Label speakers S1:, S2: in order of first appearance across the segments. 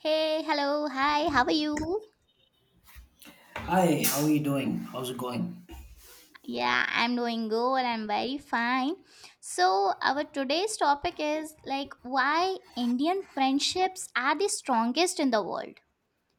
S1: Hey, hello, hi, how are you?
S2: Hi, how are you doing? How's it going?
S1: Yeah, I'm doing good, I'm very fine. So, our today's topic is like why Indian friendships are the strongest in the world.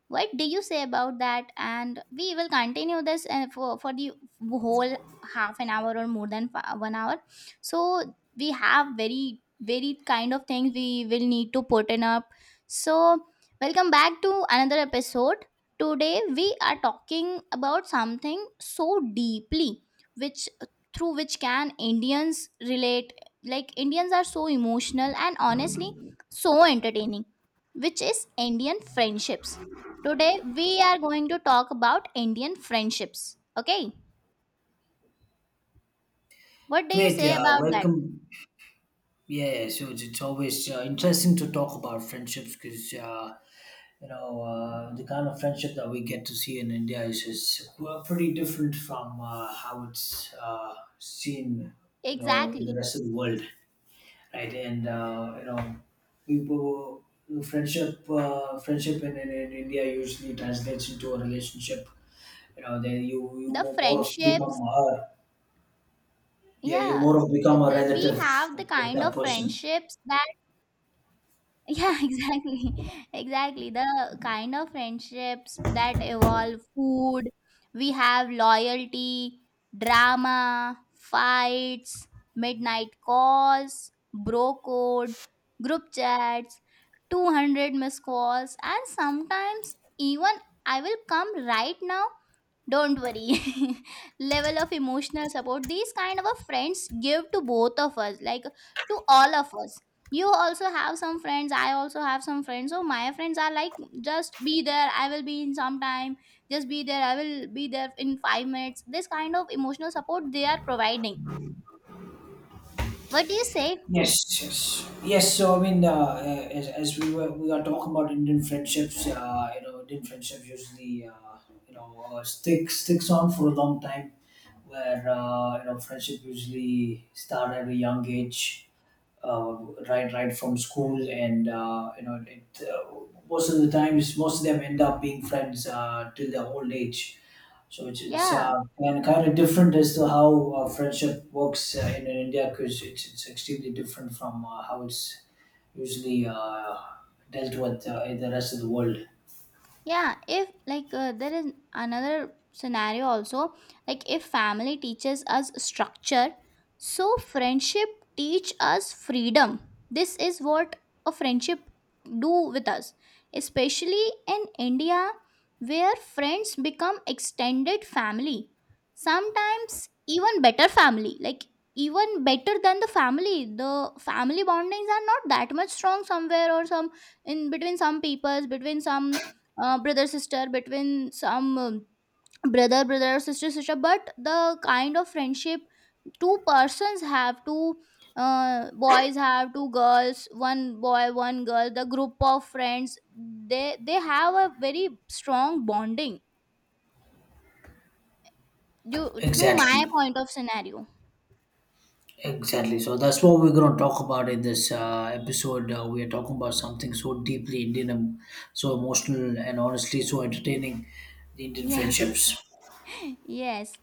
S1: What do you say about that? And we will continue this for the whole half an hour or more than 1 hour. So we have very, very kind of things we will need to put in up. So welcome back to another episode. Today we are talking about something so deeply, which through which can Indians relate. Like Indians are so emotional and honestly so entertaining, which is Indian friendships. Today we are going to talk about Indian friendships. Okay? What do you
S2: Great.
S1: say
S2: Uh,
S1: about that?
S2: welcome. Yeah, yeah, so it's always interesting to talk about friendships because the kind of friendship that we get to see in India is well, pretty different from how it's seen, in the
S1: Exactly.
S2: rest of the world, right? And you know, people friendship friendship in India usually translates into a relationship, then you
S1: The
S2: more of become
S1: friendships.
S2: a. Yeah, you
S1: Yeah.
S2: more of become a
S1: The, we
S2: relative
S1: have the
S2: of
S1: kind
S2: that
S1: of
S2: person.
S1: friendships that, yeah, exactly. Exactly. The kind of friendships that evolve food. We have loyalty, drama, fights, midnight calls, bro code, group chats, 200 missed calls, and sometimes even I will come right now, don't worry. Level of emotional support these kind of a friends give to both of us, like to all of us. You also have some friends, I also have some friends. So my friends are like, just be there, I will be in some time, just be there, I will be there in 5 minutes. This kind of emotional support they are providing. What do you say?
S2: Yes, yes, yes. So I mean, as we are talking about Indian friendships usually stick sticks on for a long time. Where friendship usually start at a young age, uh, right from school, and it, most of the times most of them end up being friends till their old age. So it's
S1: Yeah.
S2: kind of different as to how friendship works in India because it's extremely different from how it's usually dealt with in the rest of the world.
S1: Yeah, if like there is another scenario also. Like if family teaches us structure, so friendship teach us freedom. This is what a friendship do with us, especially in India, where friends become extended family, sometimes even better family, like even better than the family. The family bondings are not that much strong somewhere, or some in between some peoples, between some brother sister, between some brother brother or sister sister. But the kind of friendship two persons have, two boys have, two girls, one boy one girl, the group of friends, they have a very strong bonding due to my
S2: Exactly.
S1: point of scenario.
S2: Exactly. So that's what we're going to talk about in this episode. We are talking about something so deeply Indian, so emotional, and honestly so entertaining, the Indian
S1: Yeah,
S2: friendships.
S1: yes.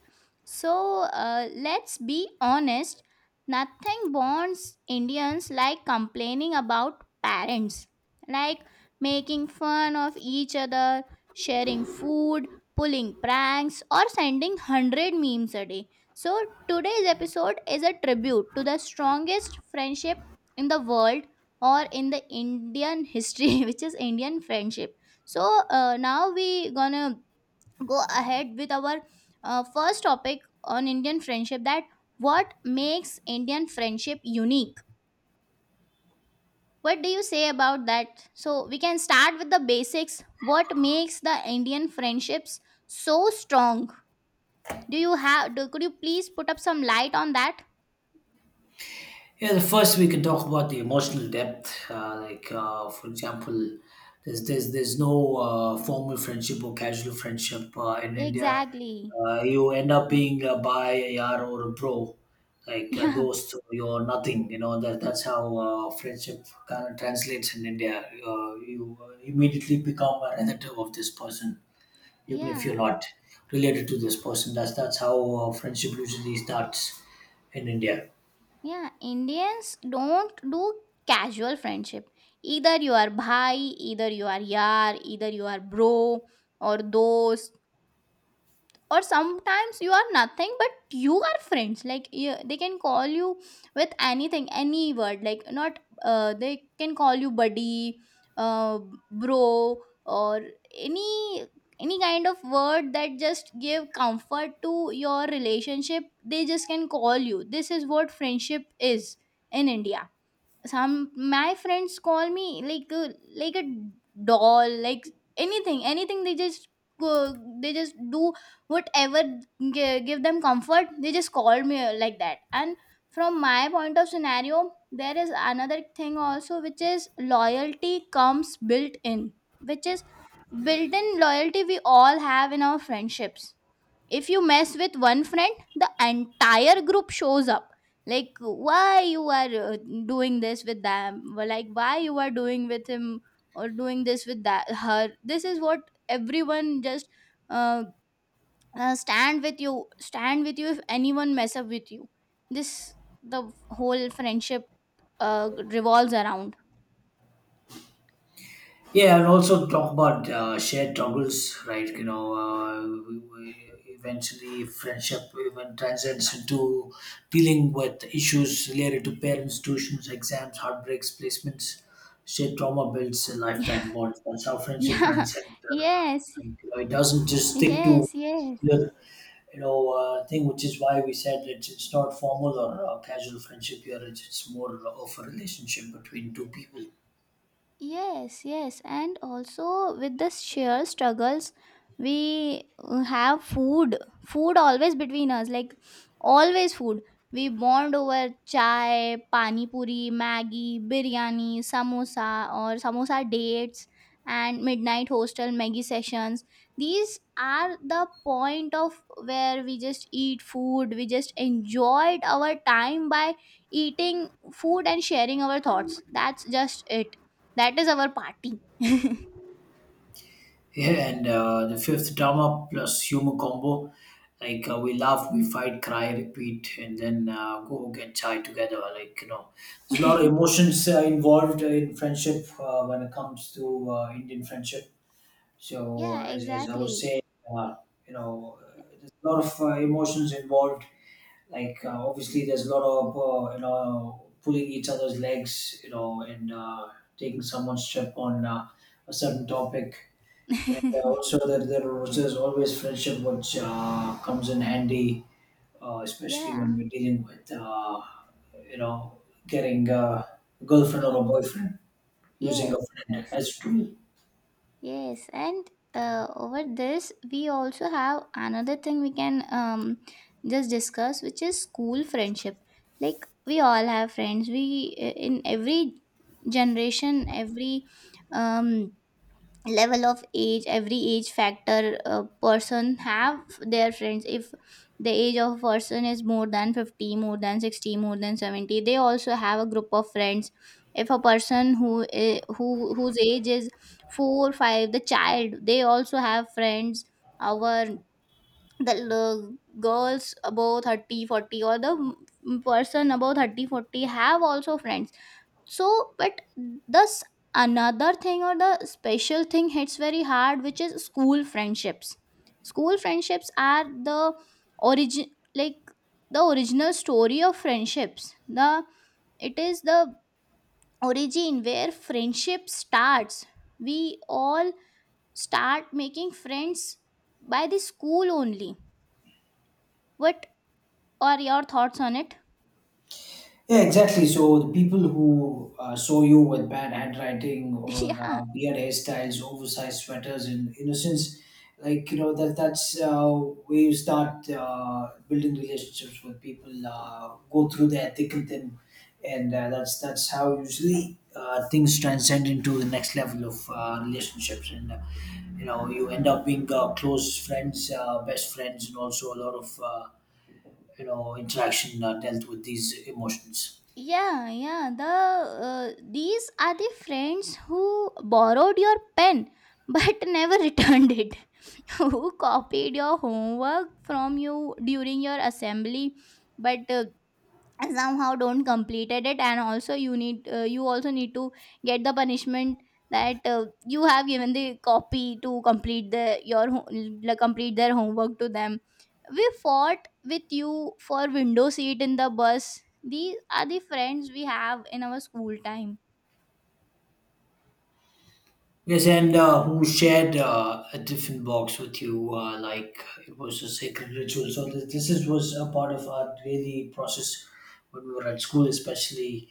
S1: So let's be honest. Nothing bonds Indians like complaining about parents, like making fun of each other, sharing food, pulling pranks, or sending 100 memes a day. So today's episode is a tribute to the strongest friendship in the world, or in the Indian history, which is Indian friendship. So now we gonna go ahead with our first topic on Indian friendship, that what makes Indian friendship unique. What do you say about that? So we can start with the basics. What makes the Indian friendships so strong? Do you have do, could you please put up some light on that?
S2: Yeah, the first we can talk about the emotional depth. Like for example, there's no formal friendship or casual friendship in India.
S1: Exactly.
S2: You end up being a by a yar or a bro, like a
S1: Yeah.
S2: dost. You're nothing. You know that's how friendship kind of translates in India. You immediately become a relative of this person, even if you're
S1: Yeah.
S2: not related to this person. That's how friendship usually starts in India.
S1: Yeah, Indians don't do casual friendship. Either you are bhai, either you are yaar, either you are bro, or dost, or sometimes you are nothing but you are friends. Like you, they can call you with anything, any word, like not they can call you buddy, uh, bro, or any any kind of word that just give comfort to your relationship. They just can call you. This is what friendship is in India. Some my friends call me like a doll, like anything. They just go, they just do whatever give them comfort. They just call me like that. And from my point of scenario, there is another thing also, which is loyalty comes built in, which is built in loyalty we all have in our friendships. If you mess with one friend, the entire group shows up, like why you are doing this with them, or like why you are doing with him, or doing this with that, her. This is what everyone just uh, stand with you, if anyone mess up with you. This, the whole friendship revolves around.
S2: Yeah, and also talk about shared troubles, right? We eventually friendship even transcends into dealing with issues related to parents, tuitions, exams, heartbreaks, placements. Shared trauma builds a lifetime bond. That's how friendship
S1: Yeah.
S2: transcends.
S1: Yes,
S2: And, it doesn't just stick to
S1: yes, yes.
S2: thing, which is why we said it's not formal or casual friendship here. It's more of a relationship between two people.
S1: Yes, yes, and also with the sheer struggles, we have food, food always between us, like always food. We bond over chai, pani puri, Maggi, biryani, samosa, or samosa dates, and midnight hostel Maggi sessions. These are the point of where we just eat food, we just enjoyed our time by eating food and sharing our thoughts. That's just it, that is our party.
S2: Yeah, and the fifth drama plus humor combo. Like we laugh, we fight, cry, repeat, and then go get chai together. Like there's a lot of emotions involved in friendship when it comes to Indian friendship. So
S1: Yeah,
S2: as I was
S1: exactly.
S2: saying, uh, you know, uh, there's a lot of emotions involved. Like obviously, there's a lot of pulling each other's legs, and taking someone's trip on a certain topic, and also that there's always friendship which comes in handy, especially when
S1: Yeah.
S2: we're dealing with you know getting a girlfriend or a
S1: Yes,
S2: boyfriend, using
S1: yes,
S2: a friend
S1: yes.
S2: as tool.
S1: Yes. And over this, we also have another thing we can just discuss, which is school friendship. Like we all have friends. We In every generation, every um, level of age, every age factor, a person have their friends. If the age of a person is more than 50, more than 60, more than 70, they also have a group of friends. If a person i- who whose age is 4 5, the child, they also have friends. our the l- Girls above 30, 40, or the person above 30, 40 have also friends. So but thus, another thing, or the special thing hits very hard, which is school friendships. School friendships are the origin, like the original story of friendships. The It is the origin where friendship starts. We all start making friends by the school only. What are your thoughts on it?
S2: Yeah, exactly. So the people who saw you with bad handwriting or
S1: Yeah.
S2: weird hairstyles, oversized sweaters, and innocence, like that's where you start building relationships with people. Go through their thick and thin, and that's how usually things transcend into the next level of relationships, and you end up being close friends, best friends, and also a lot of interaction dealt with these emotions.
S1: Yeah, yeah. The these are the friends who borrowed your pen but never returned it, who copied your homework from you during your assembly, but and somehow don't completed it. And also you need you also need to get the punishment that you have given the copy to complete the your ho- l- complete their homework to them. We fought with you for window seat in the bus. These are the friends we have in our school time.
S2: Yes, and who shared a different box with you? Like it was a sacred ritual. So this is, was a part of our daily process when we were at school, especially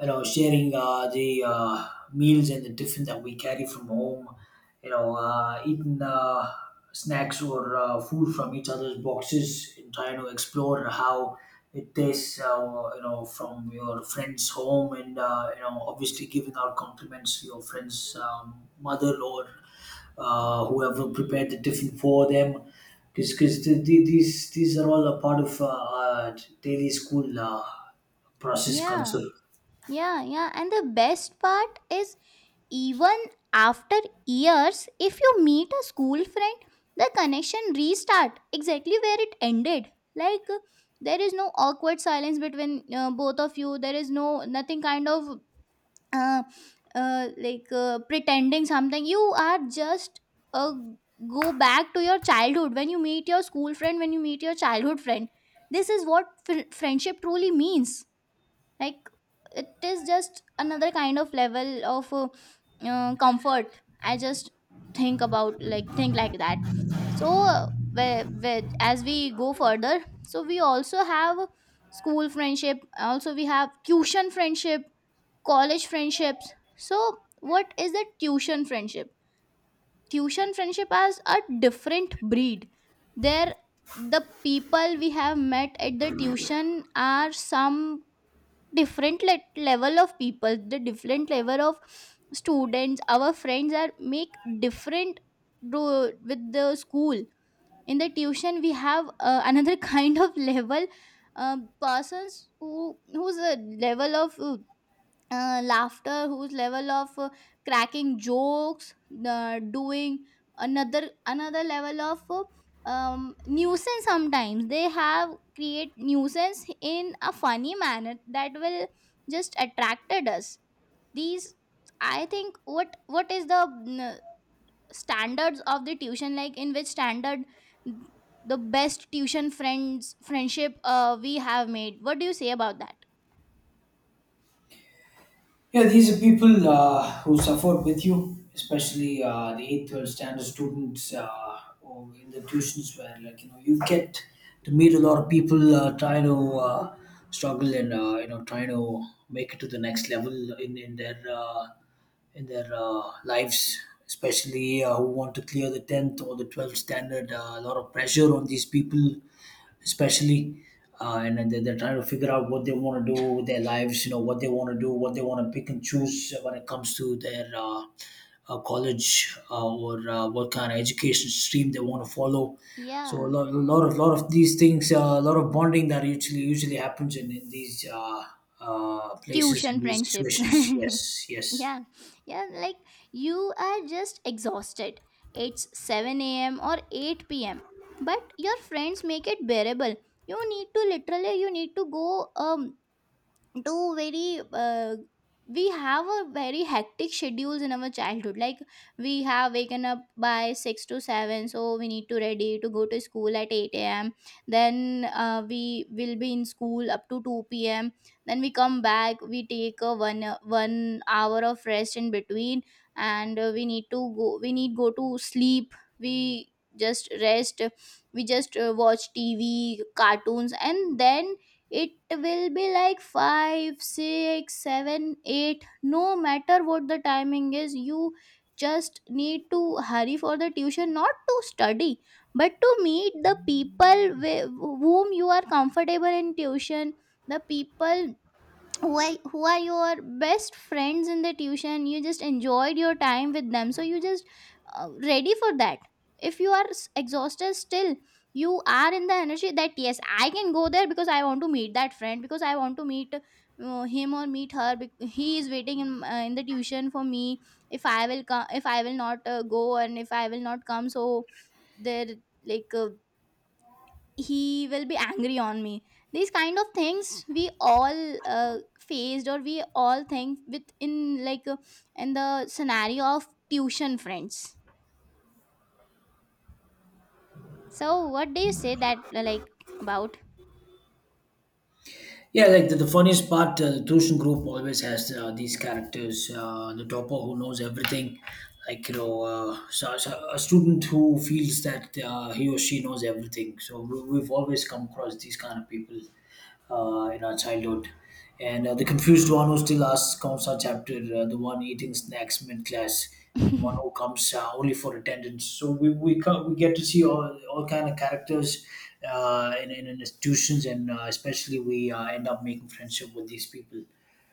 S2: sharing the meals and the tiffin that we carry from home, eating snacks or food from each other's boxes, and trying to explore how it tastes, from your friend's home, and obviously giving out compliments to your friend's mother or whoever prepared the tiffin for them, because these are all a part of our daily school process
S1: Yeah.
S2: culture.
S1: Yeah, yeah, and the best part is, even after years, if you meet a school friend, the connection restart exactly where it ended. Like there is no awkward silence between both of you. There is no nothing kind of uh, pretending something. You are just uh, go back to your childhood when you meet your school friend, when you meet your childhood friend. This is what friendship truly means. Like it is just another kind of level of comfort. I just think about like, think like that. So where, as we go further, so we also have school friendship, also we have tuition friendship, college friendships. So what is a tuition friendship? Tuition friendship as a different breed. There, the people we have met at the tuition are some different let level of people. The different level of students, our friends are make different do with the school. In the tuition we have another kind of level, persons who whose level of laughter, whose level of cracking jokes, doing another level of nuisance. Sometimes they have create nuisance in a funny manner that will just attracted us. These, I think what is the mm, standards of the tuition, like in which standard the best tuition friends friendship we have made? What do you say about that?
S2: Yeah, these are people who suffer with you, especially the eighth, twelfth standard students, or in the tuitions where, like you get to meet a lot of people trying to struggle, and trying to make it to the next level in their lives, especially who want to clear the 10th or the 12th standard. A lot of pressure on these people especially, and then they're trying to figure out what they want to do with their lives, what they want to do, what they want to pick and choose when it comes to their college, or what kind of education stream they want to follow. So a
S1: Yeah,
S2: lot, a lot of lot of these things, a lot of bonding that usually happens in these places, in
S1: tuition
S2: these
S1: friendships.
S2: situations. Yes, yes.
S1: Yeah. Yeah, like you are just exhausted. It's 7 a.m. or 8 p.m., but your friends make it bearable. You need to literally, you need to go um to very we have a very hectic schedules in our childhood. Like we have waken up by 6 to 7, so we need to ready to go to school at 8 a.m. Then we will be in school up to 2 p.m. Then we come back, we take a one hour of rest in between. And we need to go, we need go to sleep. We just rest, we just watch TV cartoons, and then it will be like 5, 6, 7, 8. No matter what the timing is, you just need to hurry for the tuition, not to study but to meet the people whom you are comfortable in tuition. The people who are your best friends in the tuition, you just enjoyed your time with them, so you just ready for that. If you are exhausted still, you are in the energy that yes, I can go there because I want to meet that friend, because I want to meet him or meet her. He is waiting in the tuition for me. If I will come, if I will not go, and if I will not come, so there, like uh, he will be angry on me. These kind of things we all faced, or we all think within, in the scenario of tuition friends. So what do you say that like about?
S2: Yeah, like the funniest part, the Tushin group always has these characters. The topper who knows everything, like so a student who feels that he or she knows everything. So we've always come across these kind of people in our childhood. And the confused one who still asks counts our chapter, the one eating snacks mid class, and one who comes only for attendance. So we get to see all kind of characters in institutions, and especially we end up making friendship with these people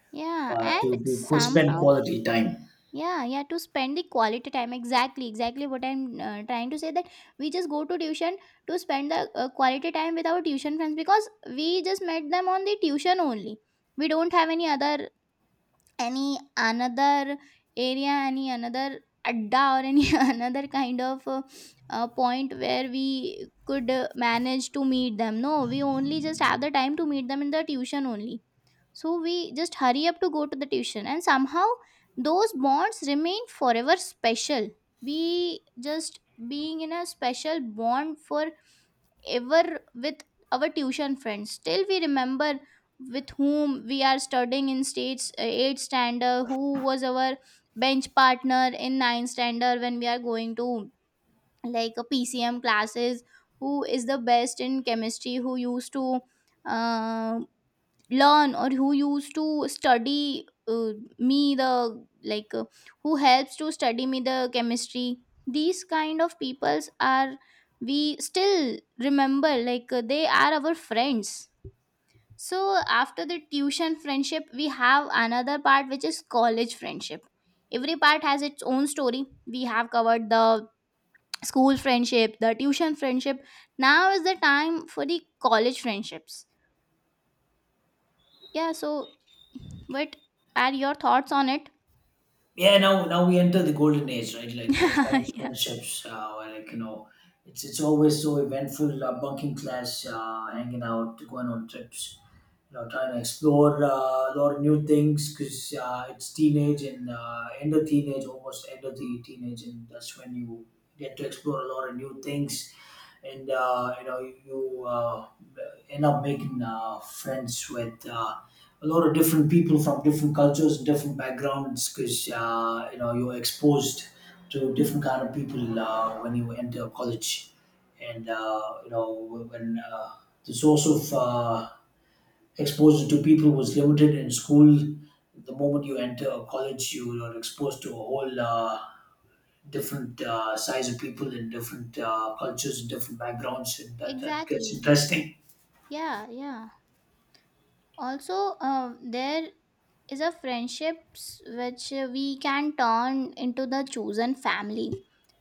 S1: Yeah,
S2: uh,
S1: and
S2: to to qu- spend
S1: somehow
S2: quality time.
S1: yeah, yeah, to spend the quality time. Exactly, exactly what I'm trying to say, that we just go to tuition to spend the quality time with our tuition friends, because we just met them on the tuition only. We don't have any other, any another area, any another adda, or any another kind of point where we could manage to meet them. No, we only just have the time to meet them in the tuition only. So we just hurry up to go to the tuition, and somehow those bonds remain forever special. We just being in a special bond for ever with our tuition friends, till we remember with whom we are studying in states, 8 standard, who was our bench partner in 9 standard, when we are going to like a PCM classes, who is the best in chemistry, who used to uh, learn, or who used to study me the, like uh, who helps to study me the chemistry. These kind of peoples are, we still remember, they are our friends. So after the tuition friendship, we have another part, which is college friendship. Every part has its own story. We have covered the school friendship, the tuition friendship. Now is the time for the college friendships. Yeah, so what are your thoughts on it?
S2: Yeah, now we enter the golden age, right? Like college
S1: Yeah.
S2: friendships, where, like it's always so eventful, bunking class, hanging out, going on trips, trying to explore a lot of new things because it's teenage and end of teenage, almost end of the teenage, and that's when you get to explore a lot of new things. And you end up making friends with a lot of different people from different cultures and different backgrounds, because you're exposed to different kind of people when you enter college. And when the source of exposure to people was limited in school. The moment you enter college, you are exposed to a whole different size of people and different cultures and different backgrounds, and that gets
S1: Exactly.
S2: interesting.
S1: Yeah, yeah. Also, there is a friendships which we can turn into the chosen family.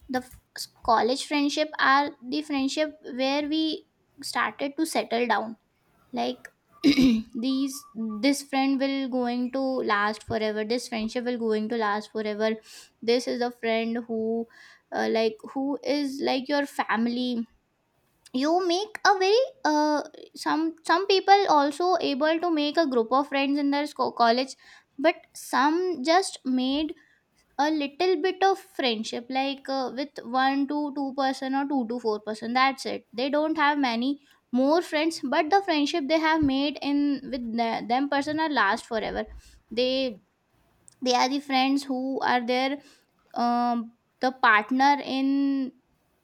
S1: The college friendship are the friendship where we started to settle down, like these this friend will going to last forever, this friendship will going to last forever. This is a friend who who is like your family. You make a very some people also able to make a group of friends in their college, but some just made a little bit of friendship, with one to two person or two to four person, that's it. They don't have many more friends, but the friendship they have made in with them person are last forever. they they are the friends who are there, um, the partner in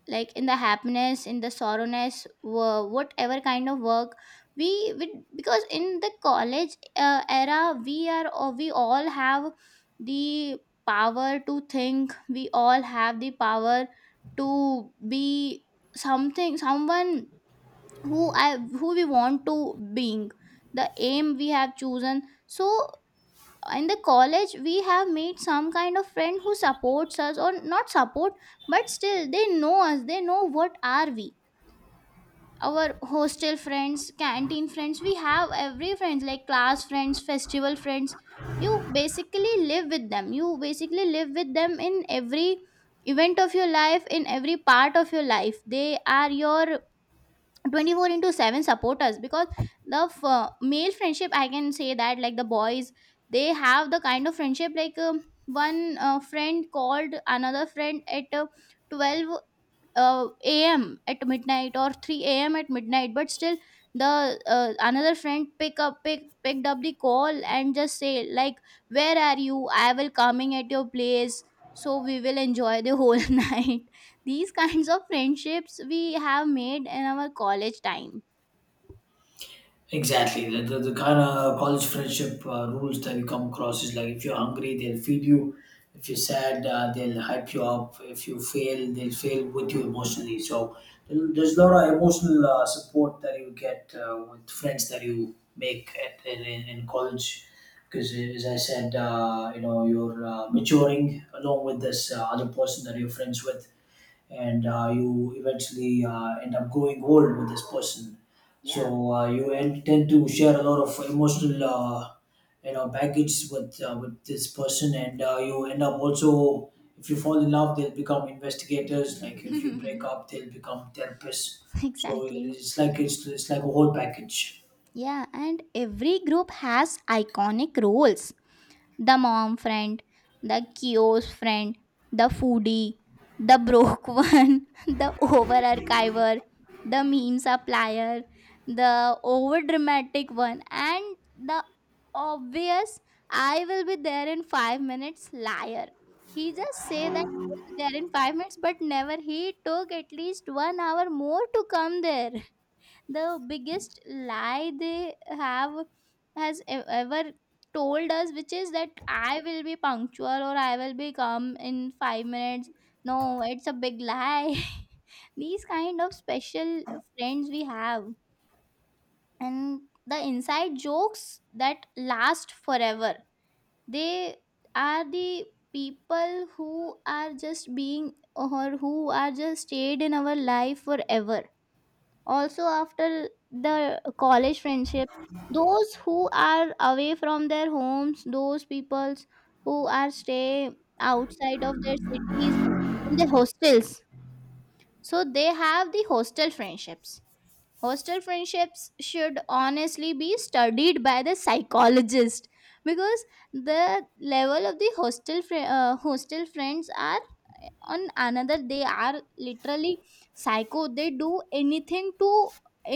S1: like in the happiness, in the sorrowness, whatever kind of work we, because in the college era, we are, or we all have the power to think, we all have the power to be something, someone who we want to being, the aim we have chosen. So in the college, we have made some kind of friend who supports us or not support, but still they know us, they know what are we. Our hostel friends, canteen friends, we have every friends, like class friends, festival friends. You basically live with them, you basically live with them in every event of your life, in every part of your life. They are your 24 into 7 support us, because the male friendship, I can say that, like the boys, they have the kind of friendship like one friend called another friend at 12 a.m. at midnight, or 3 a.m. at midnight. But still, the another friend picked up the call and just say like, "Where are you? I will coming at your place." So we will enjoy the whole night. These kinds of friendships we have made in our college time.
S2: Exactly. The kind of college friendship rules that we come across is like, if you're hungry, they'll feed you. If you're sad, they'll hype you up. If you fail, they'll fail with you emotionally. So there's a lot of emotional support that you get with friends that you make at, in college. Because as I said, you're maturing along with this other person that you're friends with, and you eventually end up growing old with this person.
S1: Yeah.
S2: So you tend to share a lot of emotional, baggage with this person, and you end up also, if you fall in love, they'll become investigators. Like, if you break up, they'll become therapists. So
S1: Exactly.
S2: it's like a whole package.
S1: Yeah, and every group has iconic roles: the mom friend, the kiosk friend, the foodie, the broke one, the over archiver, the meme supplier, the over dramatic one, and the obvious "I will be there in 5 minutes" liar. He just say that I will be there in 5 minutes, but never, he took at least 1 hour more to come there. The biggest lie they have has ever told us, which is that I will be punctual or I will be come in 5 minutes. No, it's a big lie. These kind of special friends we have, and the inside jokes that last forever. They are the people who are just being, or who are just stayed in our life forever. Also, after the college friendship, those who are away from their homes, those peoples who are stay outside of their cities in the hostels, so they have the hostel friendships. Hostel friendships should honestly be studied by the psychologist, because the level of the hostel friends are on another, they are literally psycho. They do anything to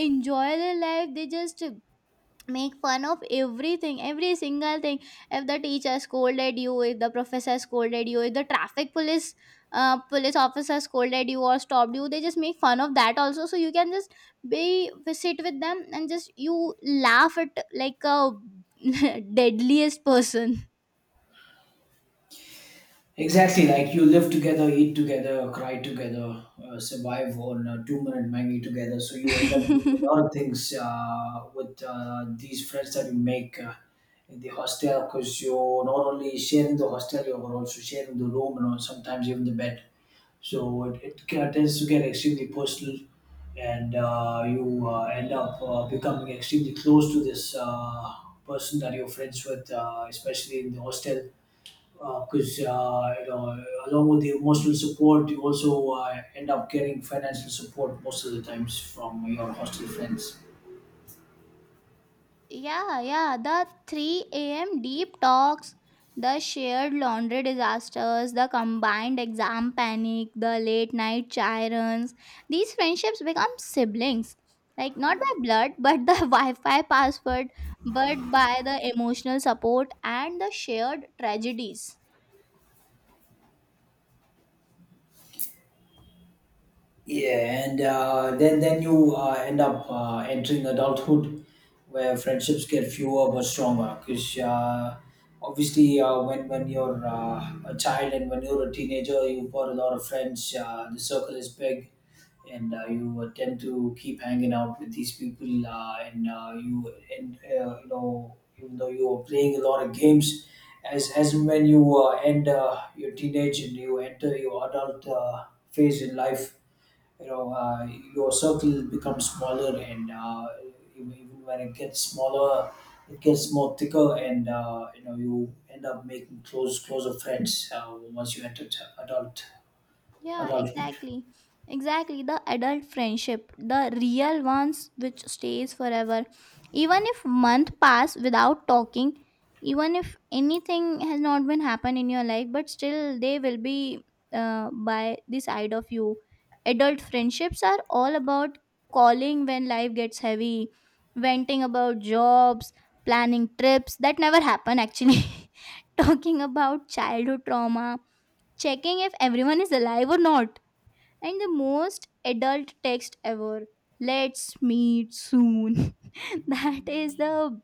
S1: enjoy their life. They just make fun of everything, every single thing. If the teacher scolded you, if the professor scolded you, if the traffic police police officer scolded you or stopped you, they just make fun of that also. So you can just be sit with them and just you laugh at like a deadliest person.
S2: Exactly, like you live together, eat together, cry together, survive on 2-minute Maggie together. So you end up doing a lot of things with these friends that you make in the hostel, because you're not only sharing the hostel, you're also sharing the room and all, sometimes even the bed. So it tends to get extremely personal, and you end up becoming extremely close to this person that you're friends with, especially in the hostel, because 'cause, you know along with the emotional support, you also end up getting financial support most of the times from your hostel friends.
S1: Yeah, yeah, the 3 a.m. deep talks, the shared laundry disasters, the combined exam panic, the late night chai runs. These friendships become siblings. Like, not by blood, but the Wi Fi password, but by the emotional support and the shared tragedies.
S2: Yeah, and then you end up entering adulthood, where friendships get fewer but stronger, because obviously when you're a child, and when you're a teenager, you've got a lot of friends, the circle is big. And you tend to keep hanging out with these people, and even though you are playing a lot of games, as and when you end your teenage and you enter your adult phase in life, you know uh, your circle becomes smaller. And even when it gets smaller, it gets more thicker. And you end up making closer friends once you enter
S1: Yeah,
S2: adulthood.
S1: exactly. Exactly. The adult friendship, the real ones which stays forever. Even if month pass without talking, even if anything has not been happened in your life, but still they will be by the side of you. Adult friendships are all about calling when life gets heavy, venting about jobs, planning trips that never happen actually, talking about childhood trauma, checking if everyone is alive or not. And the most adult text ever: "Let's meet soon." That is the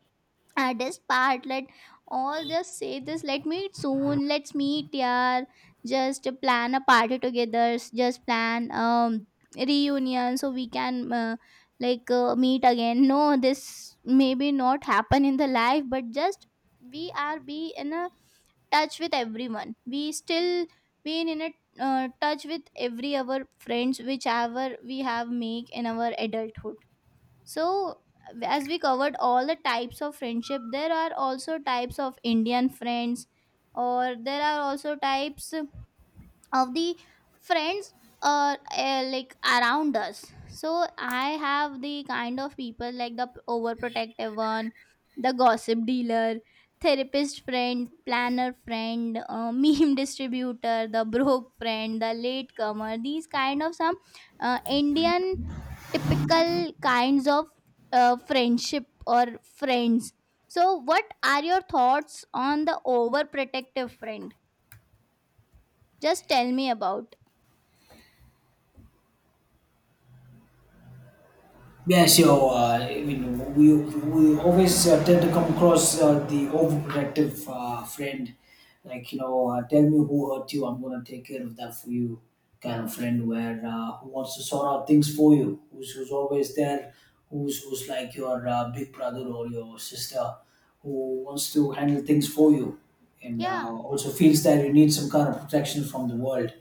S1: hardest part. Let all just say this: "Let meet soon. Let's meet," yeah. Just plan a party together. Just plan reunion, so we can meet again. No, this maybe not happen in the life, but just we are be in a touch with everyone. We still been in a touch with every our friends whichever we have make in our adulthood. So as we covered all the types of friendship, there are also types of Indian friends, or there are also types of the friends uh, like around us. So I have the kind of people like the overprotective one, the gossip dealer, therapist friend, planner friend, meme distributor, the broke friend, the latecomer. These kind of some Indian typical kinds of friendship or friends. So what are your thoughts on the overprotective friend? Just tell me about.
S2: Yeah, so I mean, we always tend to come across the overprotective friend, like tell me who hurt you, I'm gonna take care of that for you, kind of friend where who wants to sort out things for you, who's always there, who's like your big brother or your sister, who wants to handle things for you, and
S1: Yeah.
S2: also feels that you need some kind of protection from the world.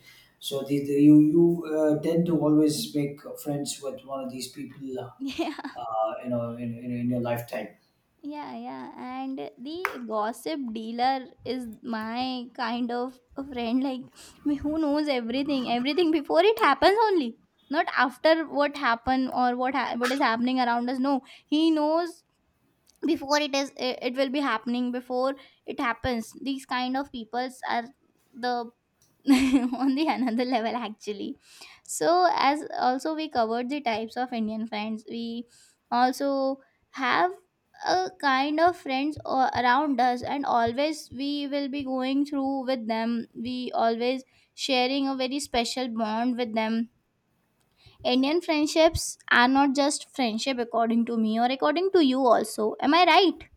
S2: So the, you tend to always make friends with one of these people
S1: Yeah,
S2: in your lifetime.
S1: yeah, yeah. And the gossip dealer is my kind of a friend, like me, who knows everything, everything before it happens only, not after what happened or what is happening around us. No, he knows before it will be happening before it happens. These kind of peoples are the on the another level actually. So as also we covered the types of Indian friends, we also have a kind of friends around us, and always we will be going through with them. We always sharing a very special bond with them. Indian friendships are not just friendship, according to me, or according to you also. Am I right?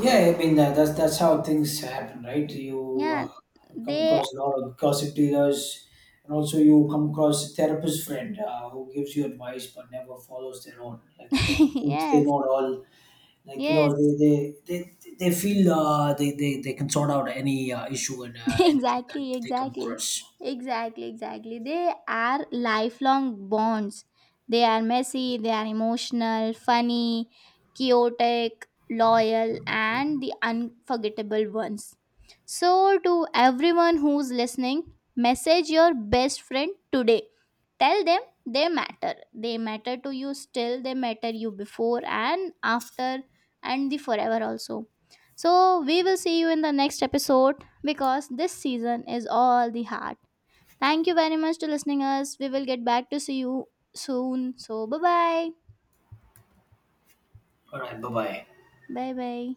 S2: Yeah, I mean that's how things happen, right? You
S1: Yeah,
S2: come
S1: they.
S2: across a lot of gossip dealers, and also you come across a therapist friend who gives you advice but never follows their own. Like who thinks they
S1: Yes.
S2: know it all. Like
S1: Yes.
S2: they, they feel they can sort out any issue and anything that
S1: Exactly,
S2: they come
S1: exactly,
S2: across.
S1: exactly, exactly. They are lifelong bonds, they are messy, they are emotional, funny, chaotic, loyal, and the unforgettable ones. So, to everyone who's listening, message your best friend today. Tell them they matter, they matter to you, still they matter you before and after, and the forever also. So we will see you in the next episode, because this season is all the heart. Thank you very much to listening us. We will get back to see you soon. So bye bye.
S2: All right, bye bye.
S1: Bye bye.